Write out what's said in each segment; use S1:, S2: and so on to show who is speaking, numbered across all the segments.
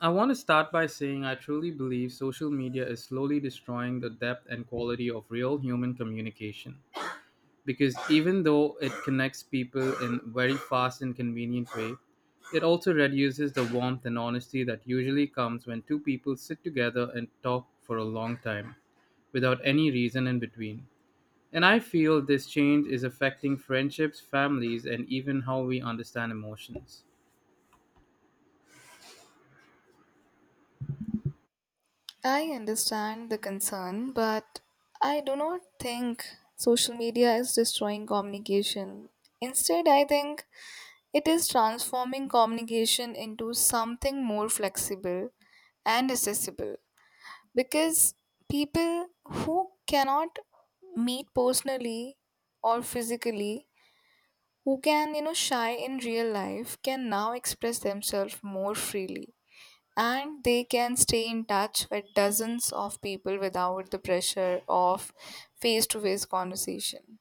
S1: I want to start by saying I truly believe social media is slowly destroying the depth and quality of real human communication. Because even though it connects people in very fast and convenient way, it also reduces the warmth and honesty that usually comes when two people sit together and talk for a long time without any reason in between. And I feel this change is affecting friendships, families, and even how we understand emotions.
S2: I understand the concern, but I do not think social media is destroying communication. Instead, I think it is transforming communication into something more flexible and accessible because people who cannot meet personally or physically, who can shy in real life, can now express themselves more freely, and they can stay in touch with dozens of people without the pressure of face to face conversation.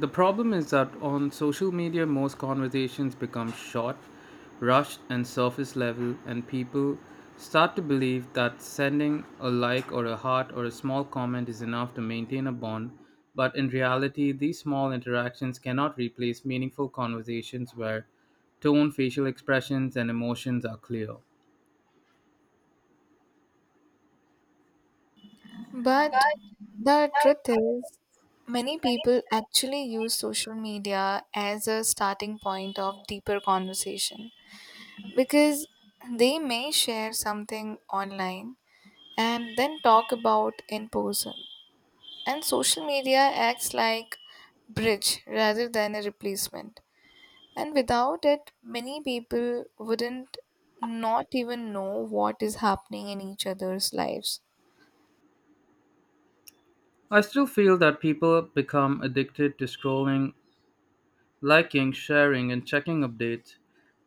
S1: The problem is that on social media, most conversations become short, rushed, and surface level, and people start to believe that sending a like or a heart or a small comment is enough to maintain a bond. But in reality, these small interactions cannot replace meaningful conversations where tone, facial expressions, and emotions are clear.
S2: But the truth is, many people actually use social media as a starting point of deeper conversation because they may share something online and then talk about in person. And social media acts like bridge rather than a replacement. And without it, many people wouldn't not even know what is happening in each other's lives.
S1: I still feel that people become addicted to scrolling liking, sharing, and checking updates.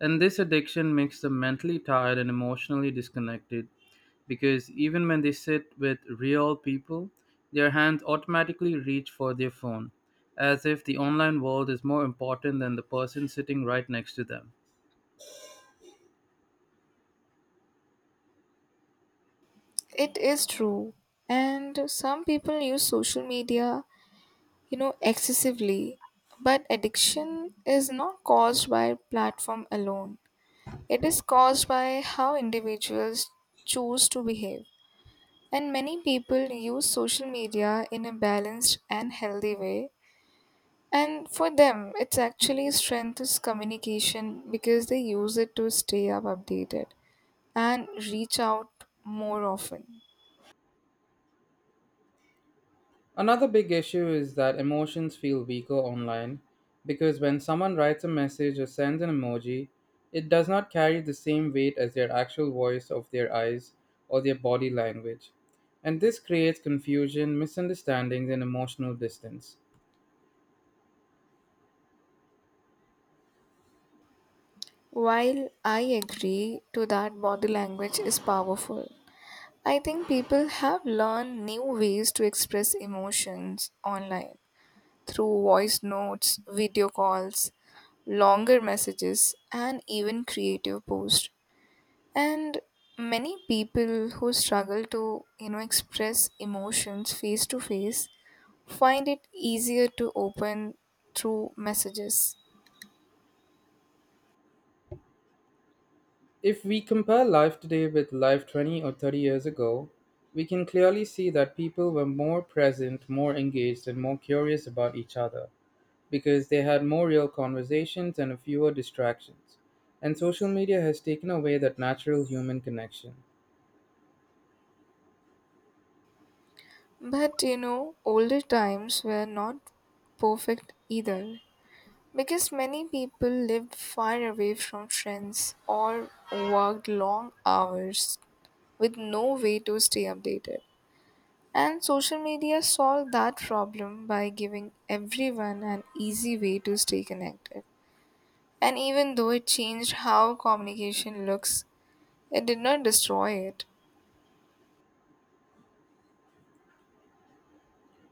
S1: And this addiction makes them mentally tired and emotionally disconnected because even when they sit with real people, their hands automatically reach for their phone, as if the online world is more important than the person sitting right next to them.
S2: It is true. And some people use social media, excessively. But addiction is not caused by platform alone. It is caused by how individuals choose to behave. And many people use social media in a balanced and healthy way. And for them, it's actually strength is communication because they use it to stay up updated and reach out more often.
S1: Another big issue is that emotions feel weaker online because when someone writes a message or sends an emoji, it does not carry the same weight as their actual voice of their eyes or their body language. And this creates confusion, misunderstandings, and emotional distance.
S2: While I agree to that body language is powerful, I think people have learned new ways to express emotions online through voice notes, video calls, longer messages, and even creative posts. And many people who struggle to, express emotions face to face find it easier to open through messages.
S1: If we compare life today with life 20 or 30 years ago, we can clearly see that people were more present, more engaged, and more curious about each other, because they had more real conversations and fewer distractions. And social media has taken away that natural human connection.
S2: But older times were not perfect either because many people lived far away from friends or worked long hours with no way to stay updated. And social media solved that problem by giving everyone an easy way to stay connected. And even though it changed how communication looks, it did not destroy it.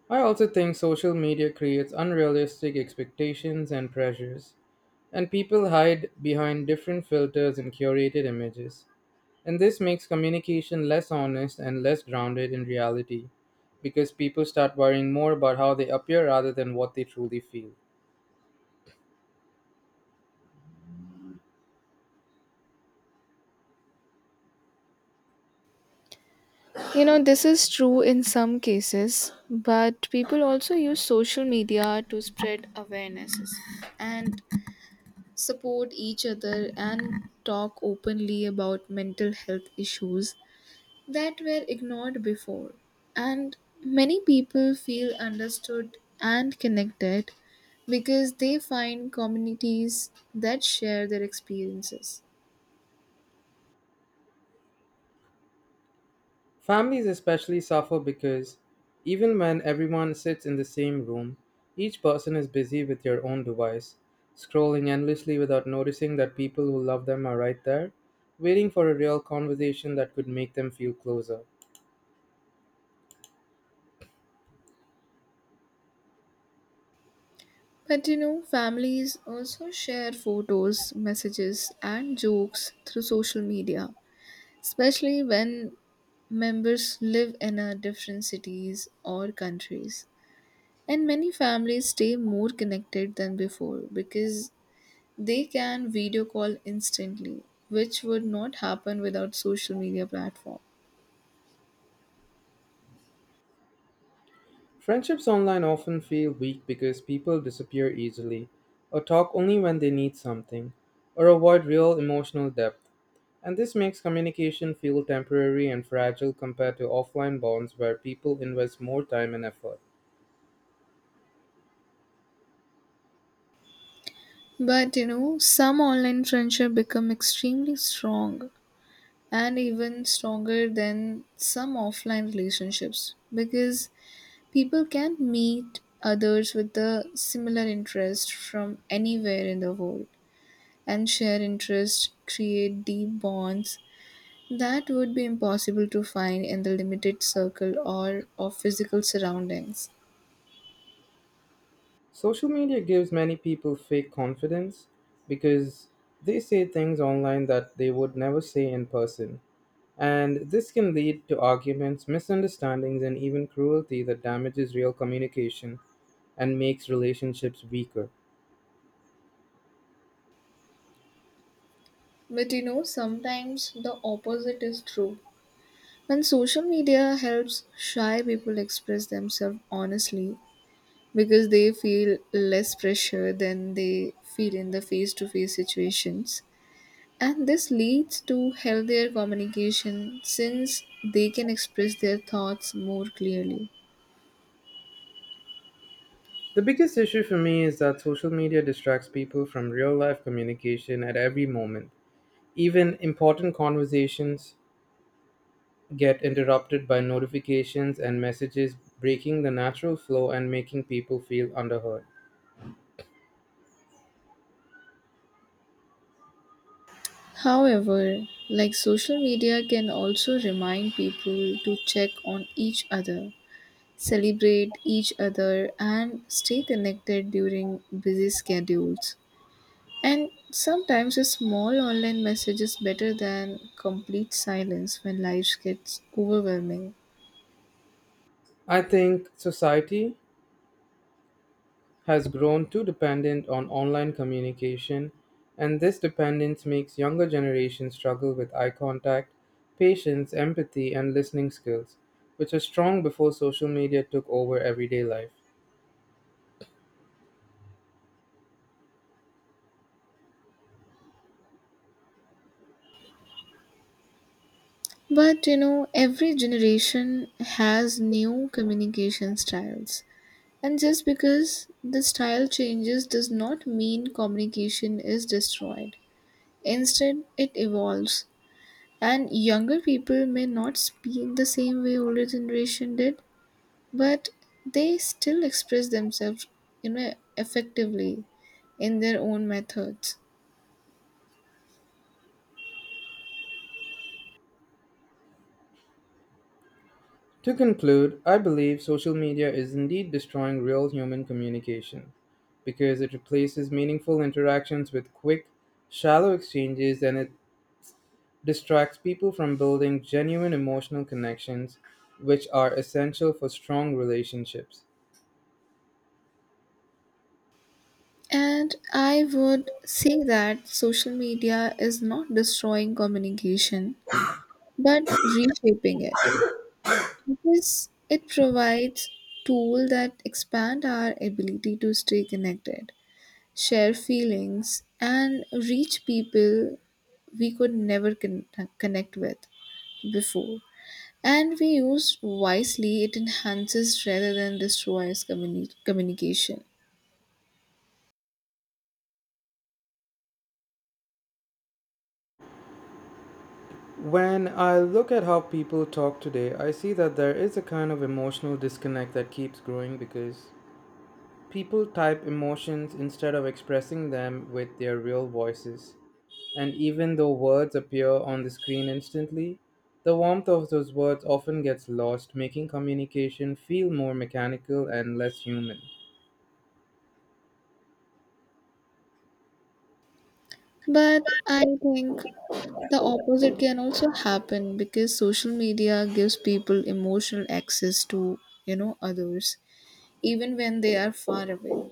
S1: I also think social media creates unrealistic expectations and pressures, and people hide behind different filters and curated images. And this makes communication less honest and less grounded in reality because people start worrying more about how they appear rather than what they truly feel.
S2: This is true in some cases, but people also use social media to spread awarenesses and support each other and talk openly about mental health issues that were ignored before. And many people feel understood and connected because they find communities that share their experiences.
S1: Families especially suffer because even when everyone sits in the same room, each person is busy with their own device, scrolling endlessly without noticing that people who love them are right there, waiting for a real conversation that could make them feel closer.
S2: Families also share photos, messages, and jokes through social media, especially when members live in a different cities or countries. And many families stay more connected than before because they can video call instantly, which would not happen without social media platform.
S1: Friendships online often feel weak because people disappear easily, or talk only when they need something, or avoid real emotional depth. And this makes communication feel temporary and fragile compared to offline bonds where people invest more time and effort.
S2: Some online friendship become extremely strong and even stronger than some offline relationships because people can meet others with a similar interest from anywhere in the world, and share interests create deep bonds that would be impossible to find in the limited circle or of physical surroundings.
S1: Social media gives many people fake confidence because they say things online that they would never say in person. And this can lead to arguments, misunderstandings, and even cruelty that damages real communication and makes relationships weaker.
S2: But you know Sometimes the opposite is true when social media helps shy people express themselves honestly because they feel less pressure than they feel in the face to face situations. And this leads to healthier communication since they can express their thoughts more clearly.
S1: The biggest issue for me is that social media distracts people from real life communication at every moment. Even important conversations get interrupted by notifications and messages, breaking the natural flow and making people feel underheard.
S2: However, like social media can also remind people to check on each other, celebrate each other, and stay connected during busy schedules. And sometimes a small online message is better than complete silence when life gets overwhelming.
S1: I think society has grown too dependent on online communication, and this dependence makes younger generations struggle with eye contact, patience, empathy, and listening skills, which are strong before social media took over everyday life.
S2: Every generation has new communication styles. And just because the style changes does not mean communication is destroyed. Instead, it evolves. And younger people may not speak the same way older generation did, but they still express themselves, effectively in their own methods.
S1: To conclude, I believe social media is indeed destroying real human communication because it replaces meaningful interactions with quick, shallow exchanges and it distracts people from building genuine emotional connections, which are essential for strong relationships.
S2: And I would say that social media is not destroying communication but reshaping it because it provides tools that expand our ability to stay connected, share feelings, and reach people we could never connect with before. And we use wisely, it enhances rather than destroys communication.
S1: When I look at how people talk today, I see that there is a kind of emotional disconnect that keeps growing because people type emotions instead of expressing them with their real voices. And even though words appear on the screen instantly, the warmth of those words often gets lost, making communication feel more mechanical and less human.
S2: But I think the opposite can also happen because social media gives people emotional access to, others, even when they are far away.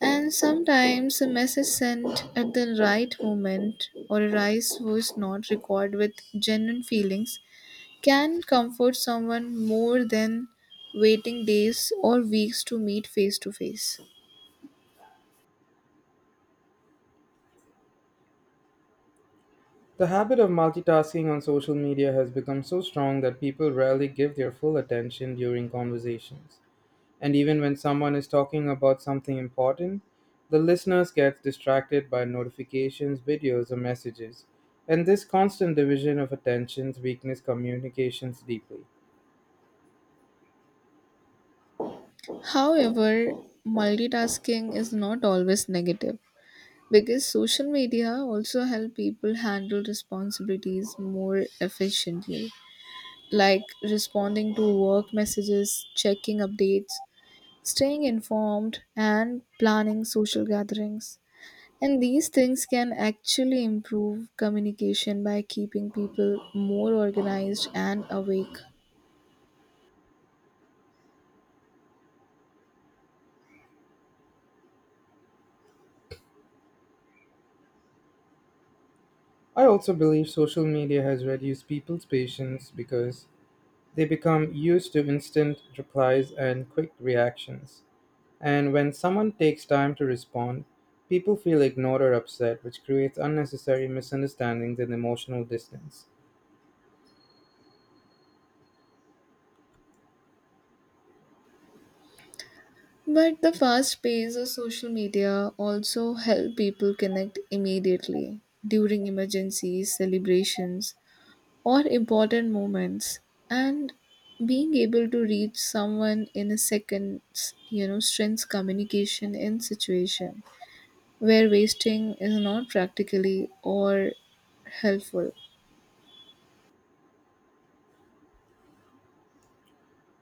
S2: And sometimes a message sent at the right moment or a rise was not recorded with genuine feelings can comfort someone more than waiting days or weeks to meet face to face.
S1: The habit of multitasking on social media has become so strong that people rarely give their full attention during conversations. And even when someone is talking about something important, the listeners get distracted by notifications, videos, or messages. And this constant division of attentions weakens communications deeply.
S2: However, multitasking is not always negative because social media also help people handle responsibilities more efficiently, like responding to work messages, checking updates, staying informed, and planning social gatherings. And these things can actually improve communication by keeping people more organized and awake.
S1: I also believe social media has reduced people's patience because they become used to instant replies and quick reactions. And when someone takes time to respond, people feel ignored or upset, which creates unnecessary misunderstandings and emotional distance.
S2: But the fast pace of social media also help people connect immediately during emergencies, celebrations, or important moments. And being able to reach someone in a second, strengths communication in situation where wasting is not practically or helpful.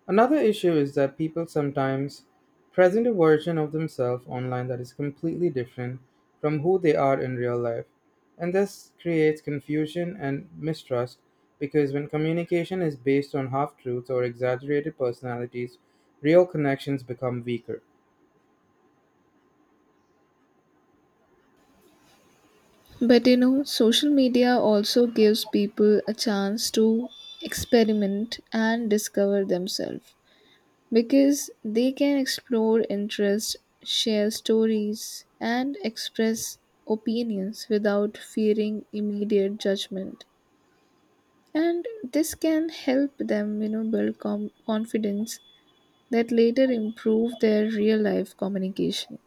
S1: Another issue is that people sometimes present a version of themselves online that is completely different from who they are in real life. And this creates confusion and mistrust because when communication is based on half truths or exaggerated personalities, real connections become weaker.
S2: Social media also gives people a chance to experiment and discover themselves because they can explore interests, share stories, and express opinions without fearing immediate judgment. And this can help them, build confidence that later improve their real life communication.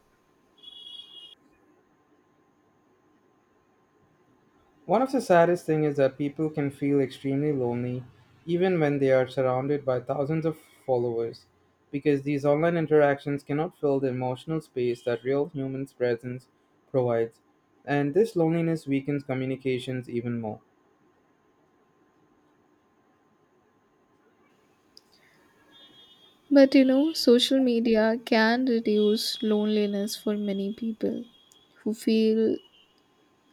S1: One of the saddest things is that people can feel extremely lonely even when they are surrounded by thousands of followers because these online interactions cannot fill the emotional space that real human presence provides. And this loneliness weakens communications even more.
S2: Social media can reduce loneliness for many people who feel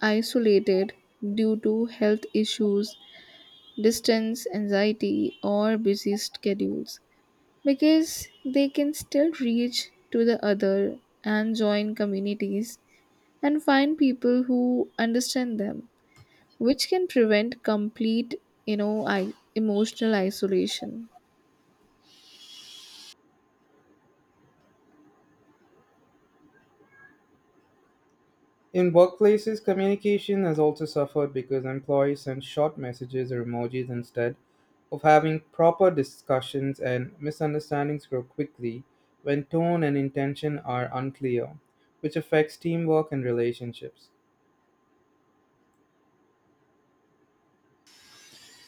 S2: isolated due to health issues, distance anxiety, or busy schedules because they can still reach to the other and join communities and find people who understand them, which can prevent complete, emotional isolation.
S1: In workplaces, communication has also suffered because employees send short messages or emojis instead of having proper discussions, and misunderstandings grow quickly when tone and intention are unclear, which affects teamwork and relationships.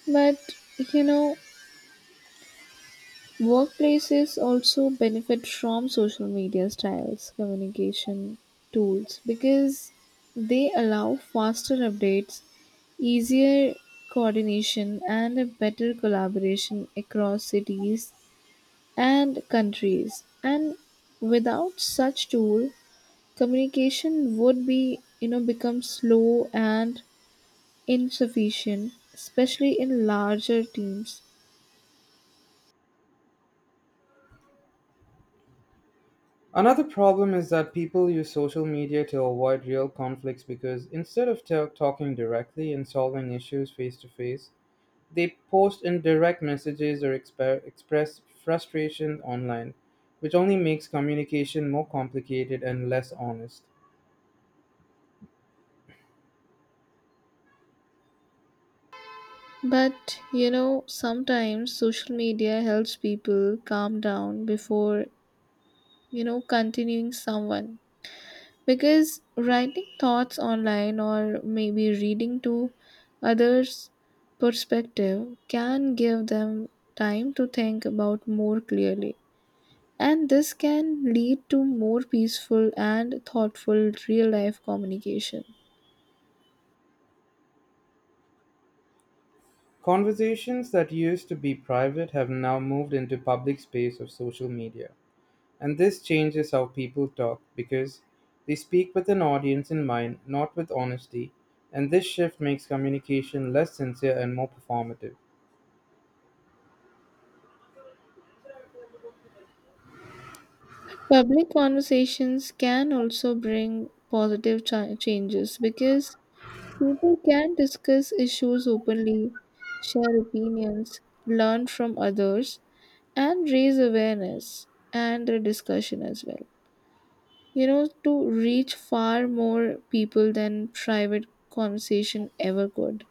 S2: But you know, Workplaces also benefit from social media styles communication tools because they allow faster updates, easier coordination, and a better collaboration across cities and countries. And without such tool, communication would be, become slow and insufficient, especially in larger teams.
S1: Another problem is that people use social media to avoid real conflicts because instead of talking directly and solving issues face to face, they post in direct messages or express frustration online, which only makes communication more complicated and less honest.
S2: Sometimes social media helps people calm down before, continuing someone, because writing thoughts online or maybe reading to others' perspective can give them time to think about more clearly. And this can lead to more peaceful and thoughtful real life communication.
S1: Conversations that used to be private have now moved into public space of social media. And this changes how people talk because they speak with an audience in mind, not with honesty. And this shift makes communication less sincere and more performative.
S2: Public conversations can also bring positive changes because people can discuss issues openly, share opinions, learn from others, and raise awareness and the discussion as well, to reach far more people than private conversation ever could.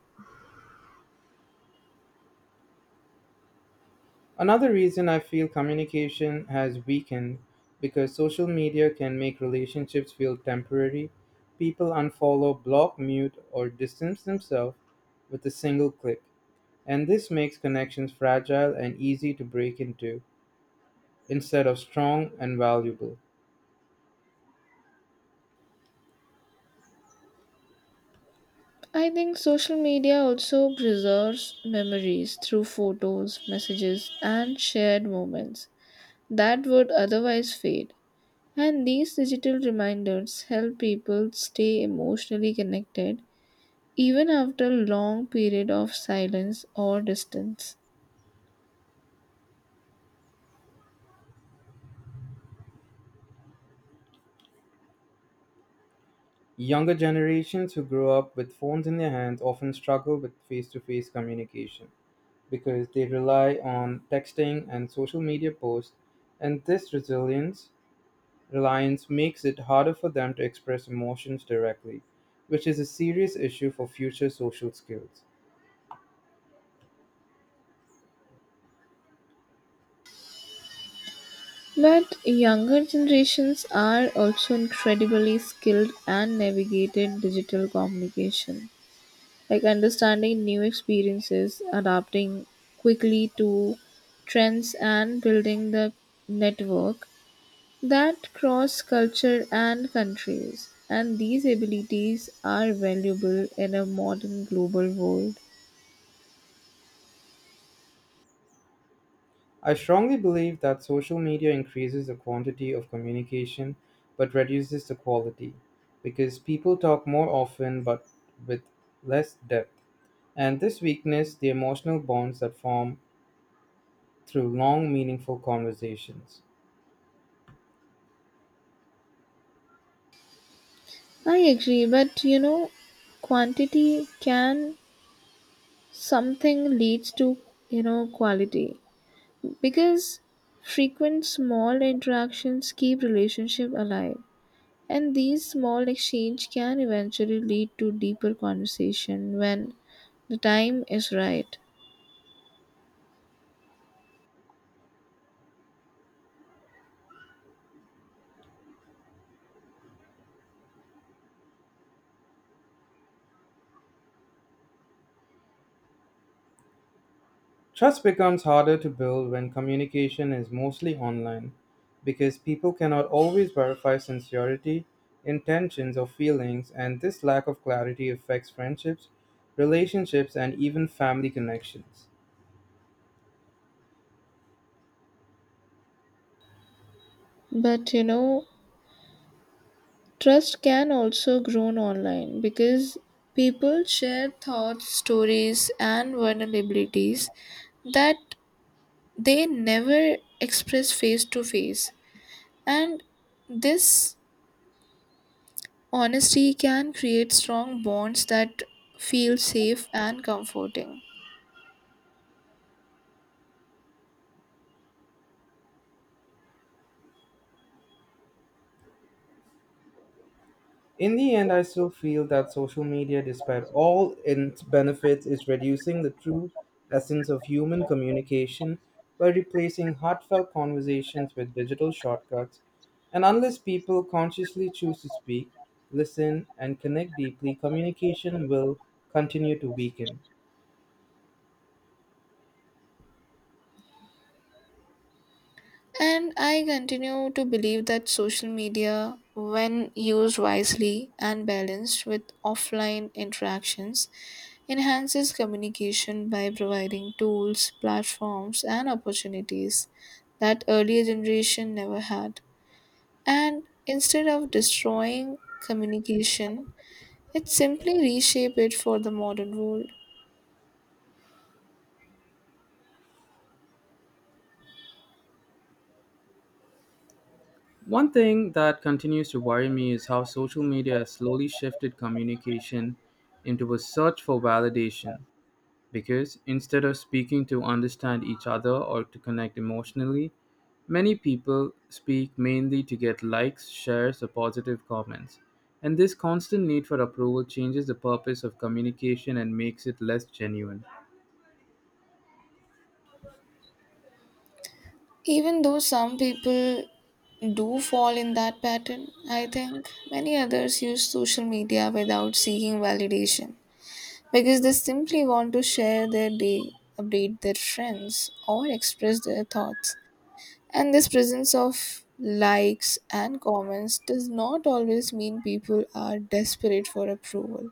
S1: Another reason I feel communication has weakened because social media can make relationships feel temporary. People unfollow, block, mute, or distance themselves with a single click, and this makes connections fragile and easy to break into instead of strong and valuable.
S2: I think social media also preserves memories through photos, messages, and shared moments that would otherwise fade. And these digital reminders help people stay emotionally connected even after long period of silence or distance.
S1: Younger generations who grow up with phones in their hands often struggle with face to face communication because they rely on texting and social media posts, and this resilience Reliance makes it harder for them to express emotions directly, which is a serious issue for future social skills.
S2: But younger generations are also incredibly skilled and navigated digital communication, like understanding new experiences, adapting quickly to trends, and building the network that cross culture and countries. And these abilities are valuable in a modern global world.
S1: I strongly believe that social media increases the quantity of communication but reduces the quality because people talk more often but with less depth. And this weakness the emotional bonds that form through long, meaningful conversations.
S2: I agree, but quantity can something leads to, quality because frequent small interactions keep relationship alive, and these small exchange can eventually lead to deeper conversation when the time is right.
S1: Trust becomes harder to build when communication is mostly online because people cannot always verify sincerity, intentions, or feelings, and this lack of clarity affects friendships, relationships, and even family connections.
S2: But you know, Trust can also grow online because people share thoughts, stories, and vulnerabilities that they never express face to face, and this honesty can create strong bonds that feel safe and comforting.
S1: In the end, I still feel that social media, despite all its benefits, is reducing the true essence of human communication by replacing heartfelt conversations with digital shortcuts. And unless people consciously choose to speak, listen, and connect deeply, communication will continue to weaken.
S2: And I continue to believe that social media, when used wisely and balanced with offline interactions, enhances communication by providing tools, platforms, and opportunities that earlier generation never had. And instead of destroying communication, it simply reshape it for the modern world.
S1: One thing that continues to worry me is how social media has slowly shifted communication into a search for validation. Because instead of speaking to understand each other or to connect emotionally, many people speak mainly to get likes, shares, or positive comments. And this constant need for approval changes the purpose of communication and makes it less genuine.
S2: Even though some people do fall in that pattern, I think many others use social media without seeking validation because they simply want to share their day, update their friends, or express their thoughts. And this presence of likes and comments does not always mean people are desperate for approval,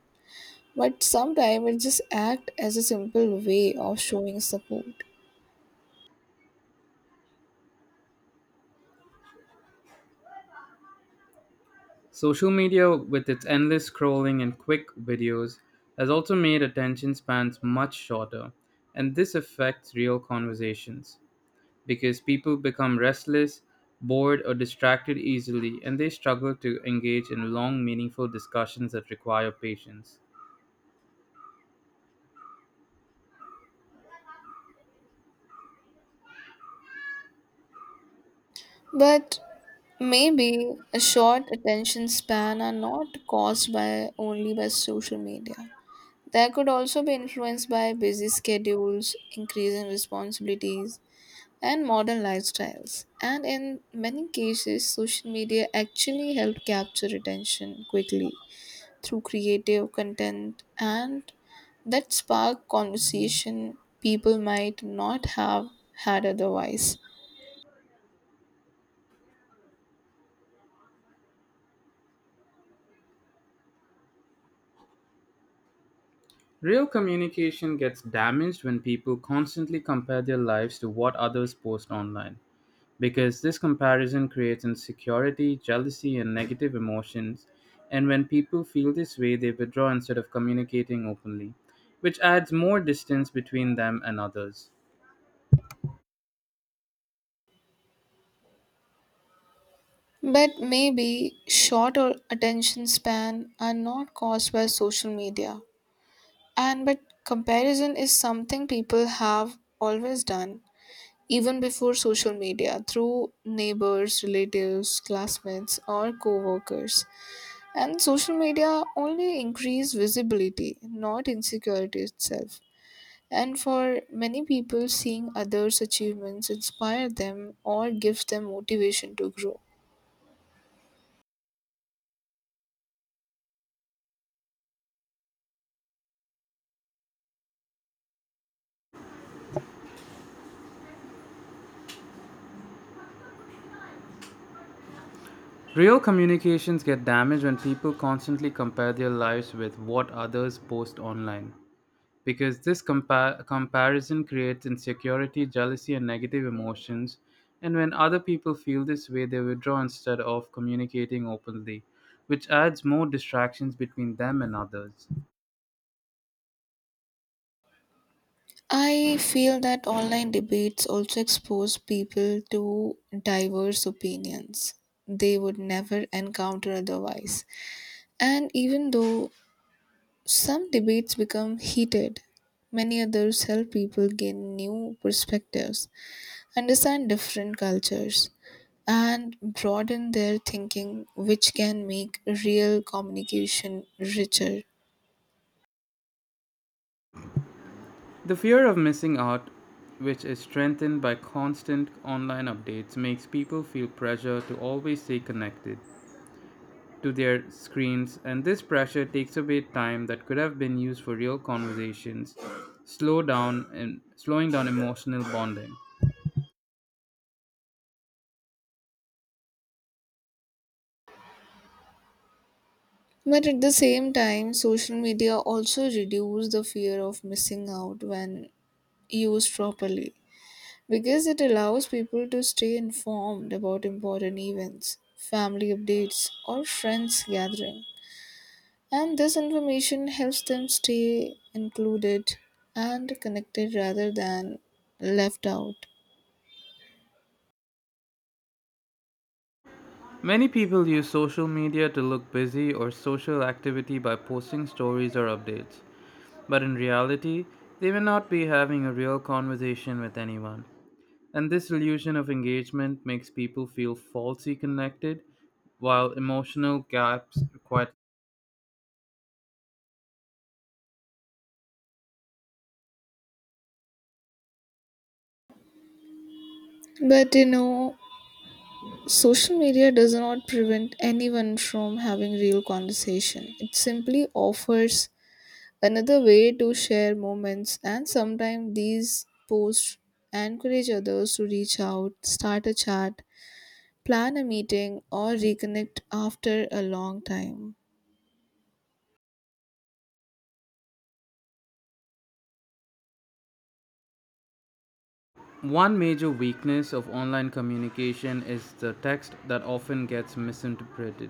S2: but sometimes it just acts as a simple way of showing support.
S1: Social media, with its endless scrolling and quick videos, has also made attention spans much shorter, and this affects real conversations, because people become restless, bored, or distracted easily, and they struggle to engage in long, meaningful discussions that require patience.
S2: But maybe a short attention span are not caused by only by social media. They could also be influenced by busy schedules, increasing responsibilities, and modern lifestyles. And in many cases, social media actually help capture attention quickly through creative content and that spark conversation people might not have had otherwise.
S1: Real communication gets damaged when people constantly compare their lives to what others post online, because this comparison creates insecurity, jealousy, and negative emotions. And when people feel this way, they withdraw instead of communicating openly, which adds more distance between them and others.
S2: But maybe shorter attention span are not caused by social media. And but comparison is something people have always done, even before social media, through neighbors, relatives, classmates, or co workers. And social media only increase visibility, not insecurity itself. And for many people, seeing others' achievements inspire them or gives them motivation to grow.
S1: Real communications get damaged when people constantly compare their lives with what others post online. Because this comparison creates insecurity, jealousy, and negative emotions. And when other people feel this way, they withdraw instead of communicating openly, which adds more distractions between them and others.
S2: I feel that online debates also expose people to diverse opinions they would never encounter otherwise. And even though some debates become heated, many others help people gain new perspectives, understand different cultures, and broaden their thinking, which can make real communication richer.
S1: The fear of missing out, which is strengthened by constant online updates, makes people feel pressure to always stay connected to their screens, and this pressure takes away time that could have been used for real conversations, slowing down emotional bonding.
S2: But at the same time, social media also reduces the fear of missing out when used properly because it allows people to stay informed about important events, family updates, or friends gathering. And this information helps them stay included and connected rather than left out.
S1: Many people use social media to look busy or social activity by posting stories or updates, but in reality, they may not be having a real conversation with anyone. And this illusion of engagement makes people feel falsely connected, while emotional gaps quite.
S2: But you know, Social media does not prevent anyone from having real conversation. It simply offers another way to share moments, and sometimes these posts encourage others to reach out, start a chat, plan a meeting, or reconnect after a long time.
S1: One major weakness of online communication is the text that often gets misinterpreted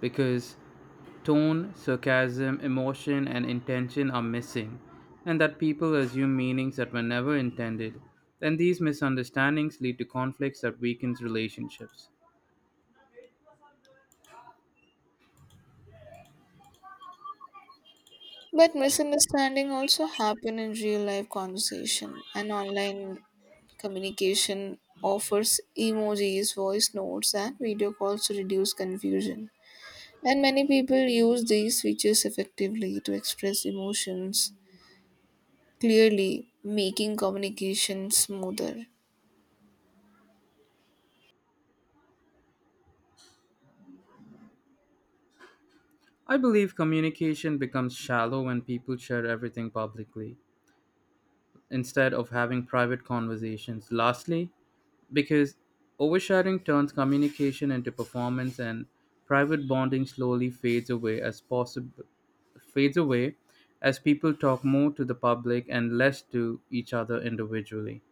S1: because tone, sarcasm, emotion, and intention are missing, and that people assume meanings that were never intended. Then these misunderstandings lead to conflicts that weakens relationships.
S2: But misunderstanding also happen in real life conversation, and online communication offers emojis, voice notes, and video calls to reduce confusion. And many people use these features effectively to express emotions clearly, making communication smoother.
S1: I believe communication becomes shallow when people share everything publicly instead of having private conversations. Lastly, because oversharing turns communication into performance and private bonding slowly fades away as people talk more to the public and less to each other individually.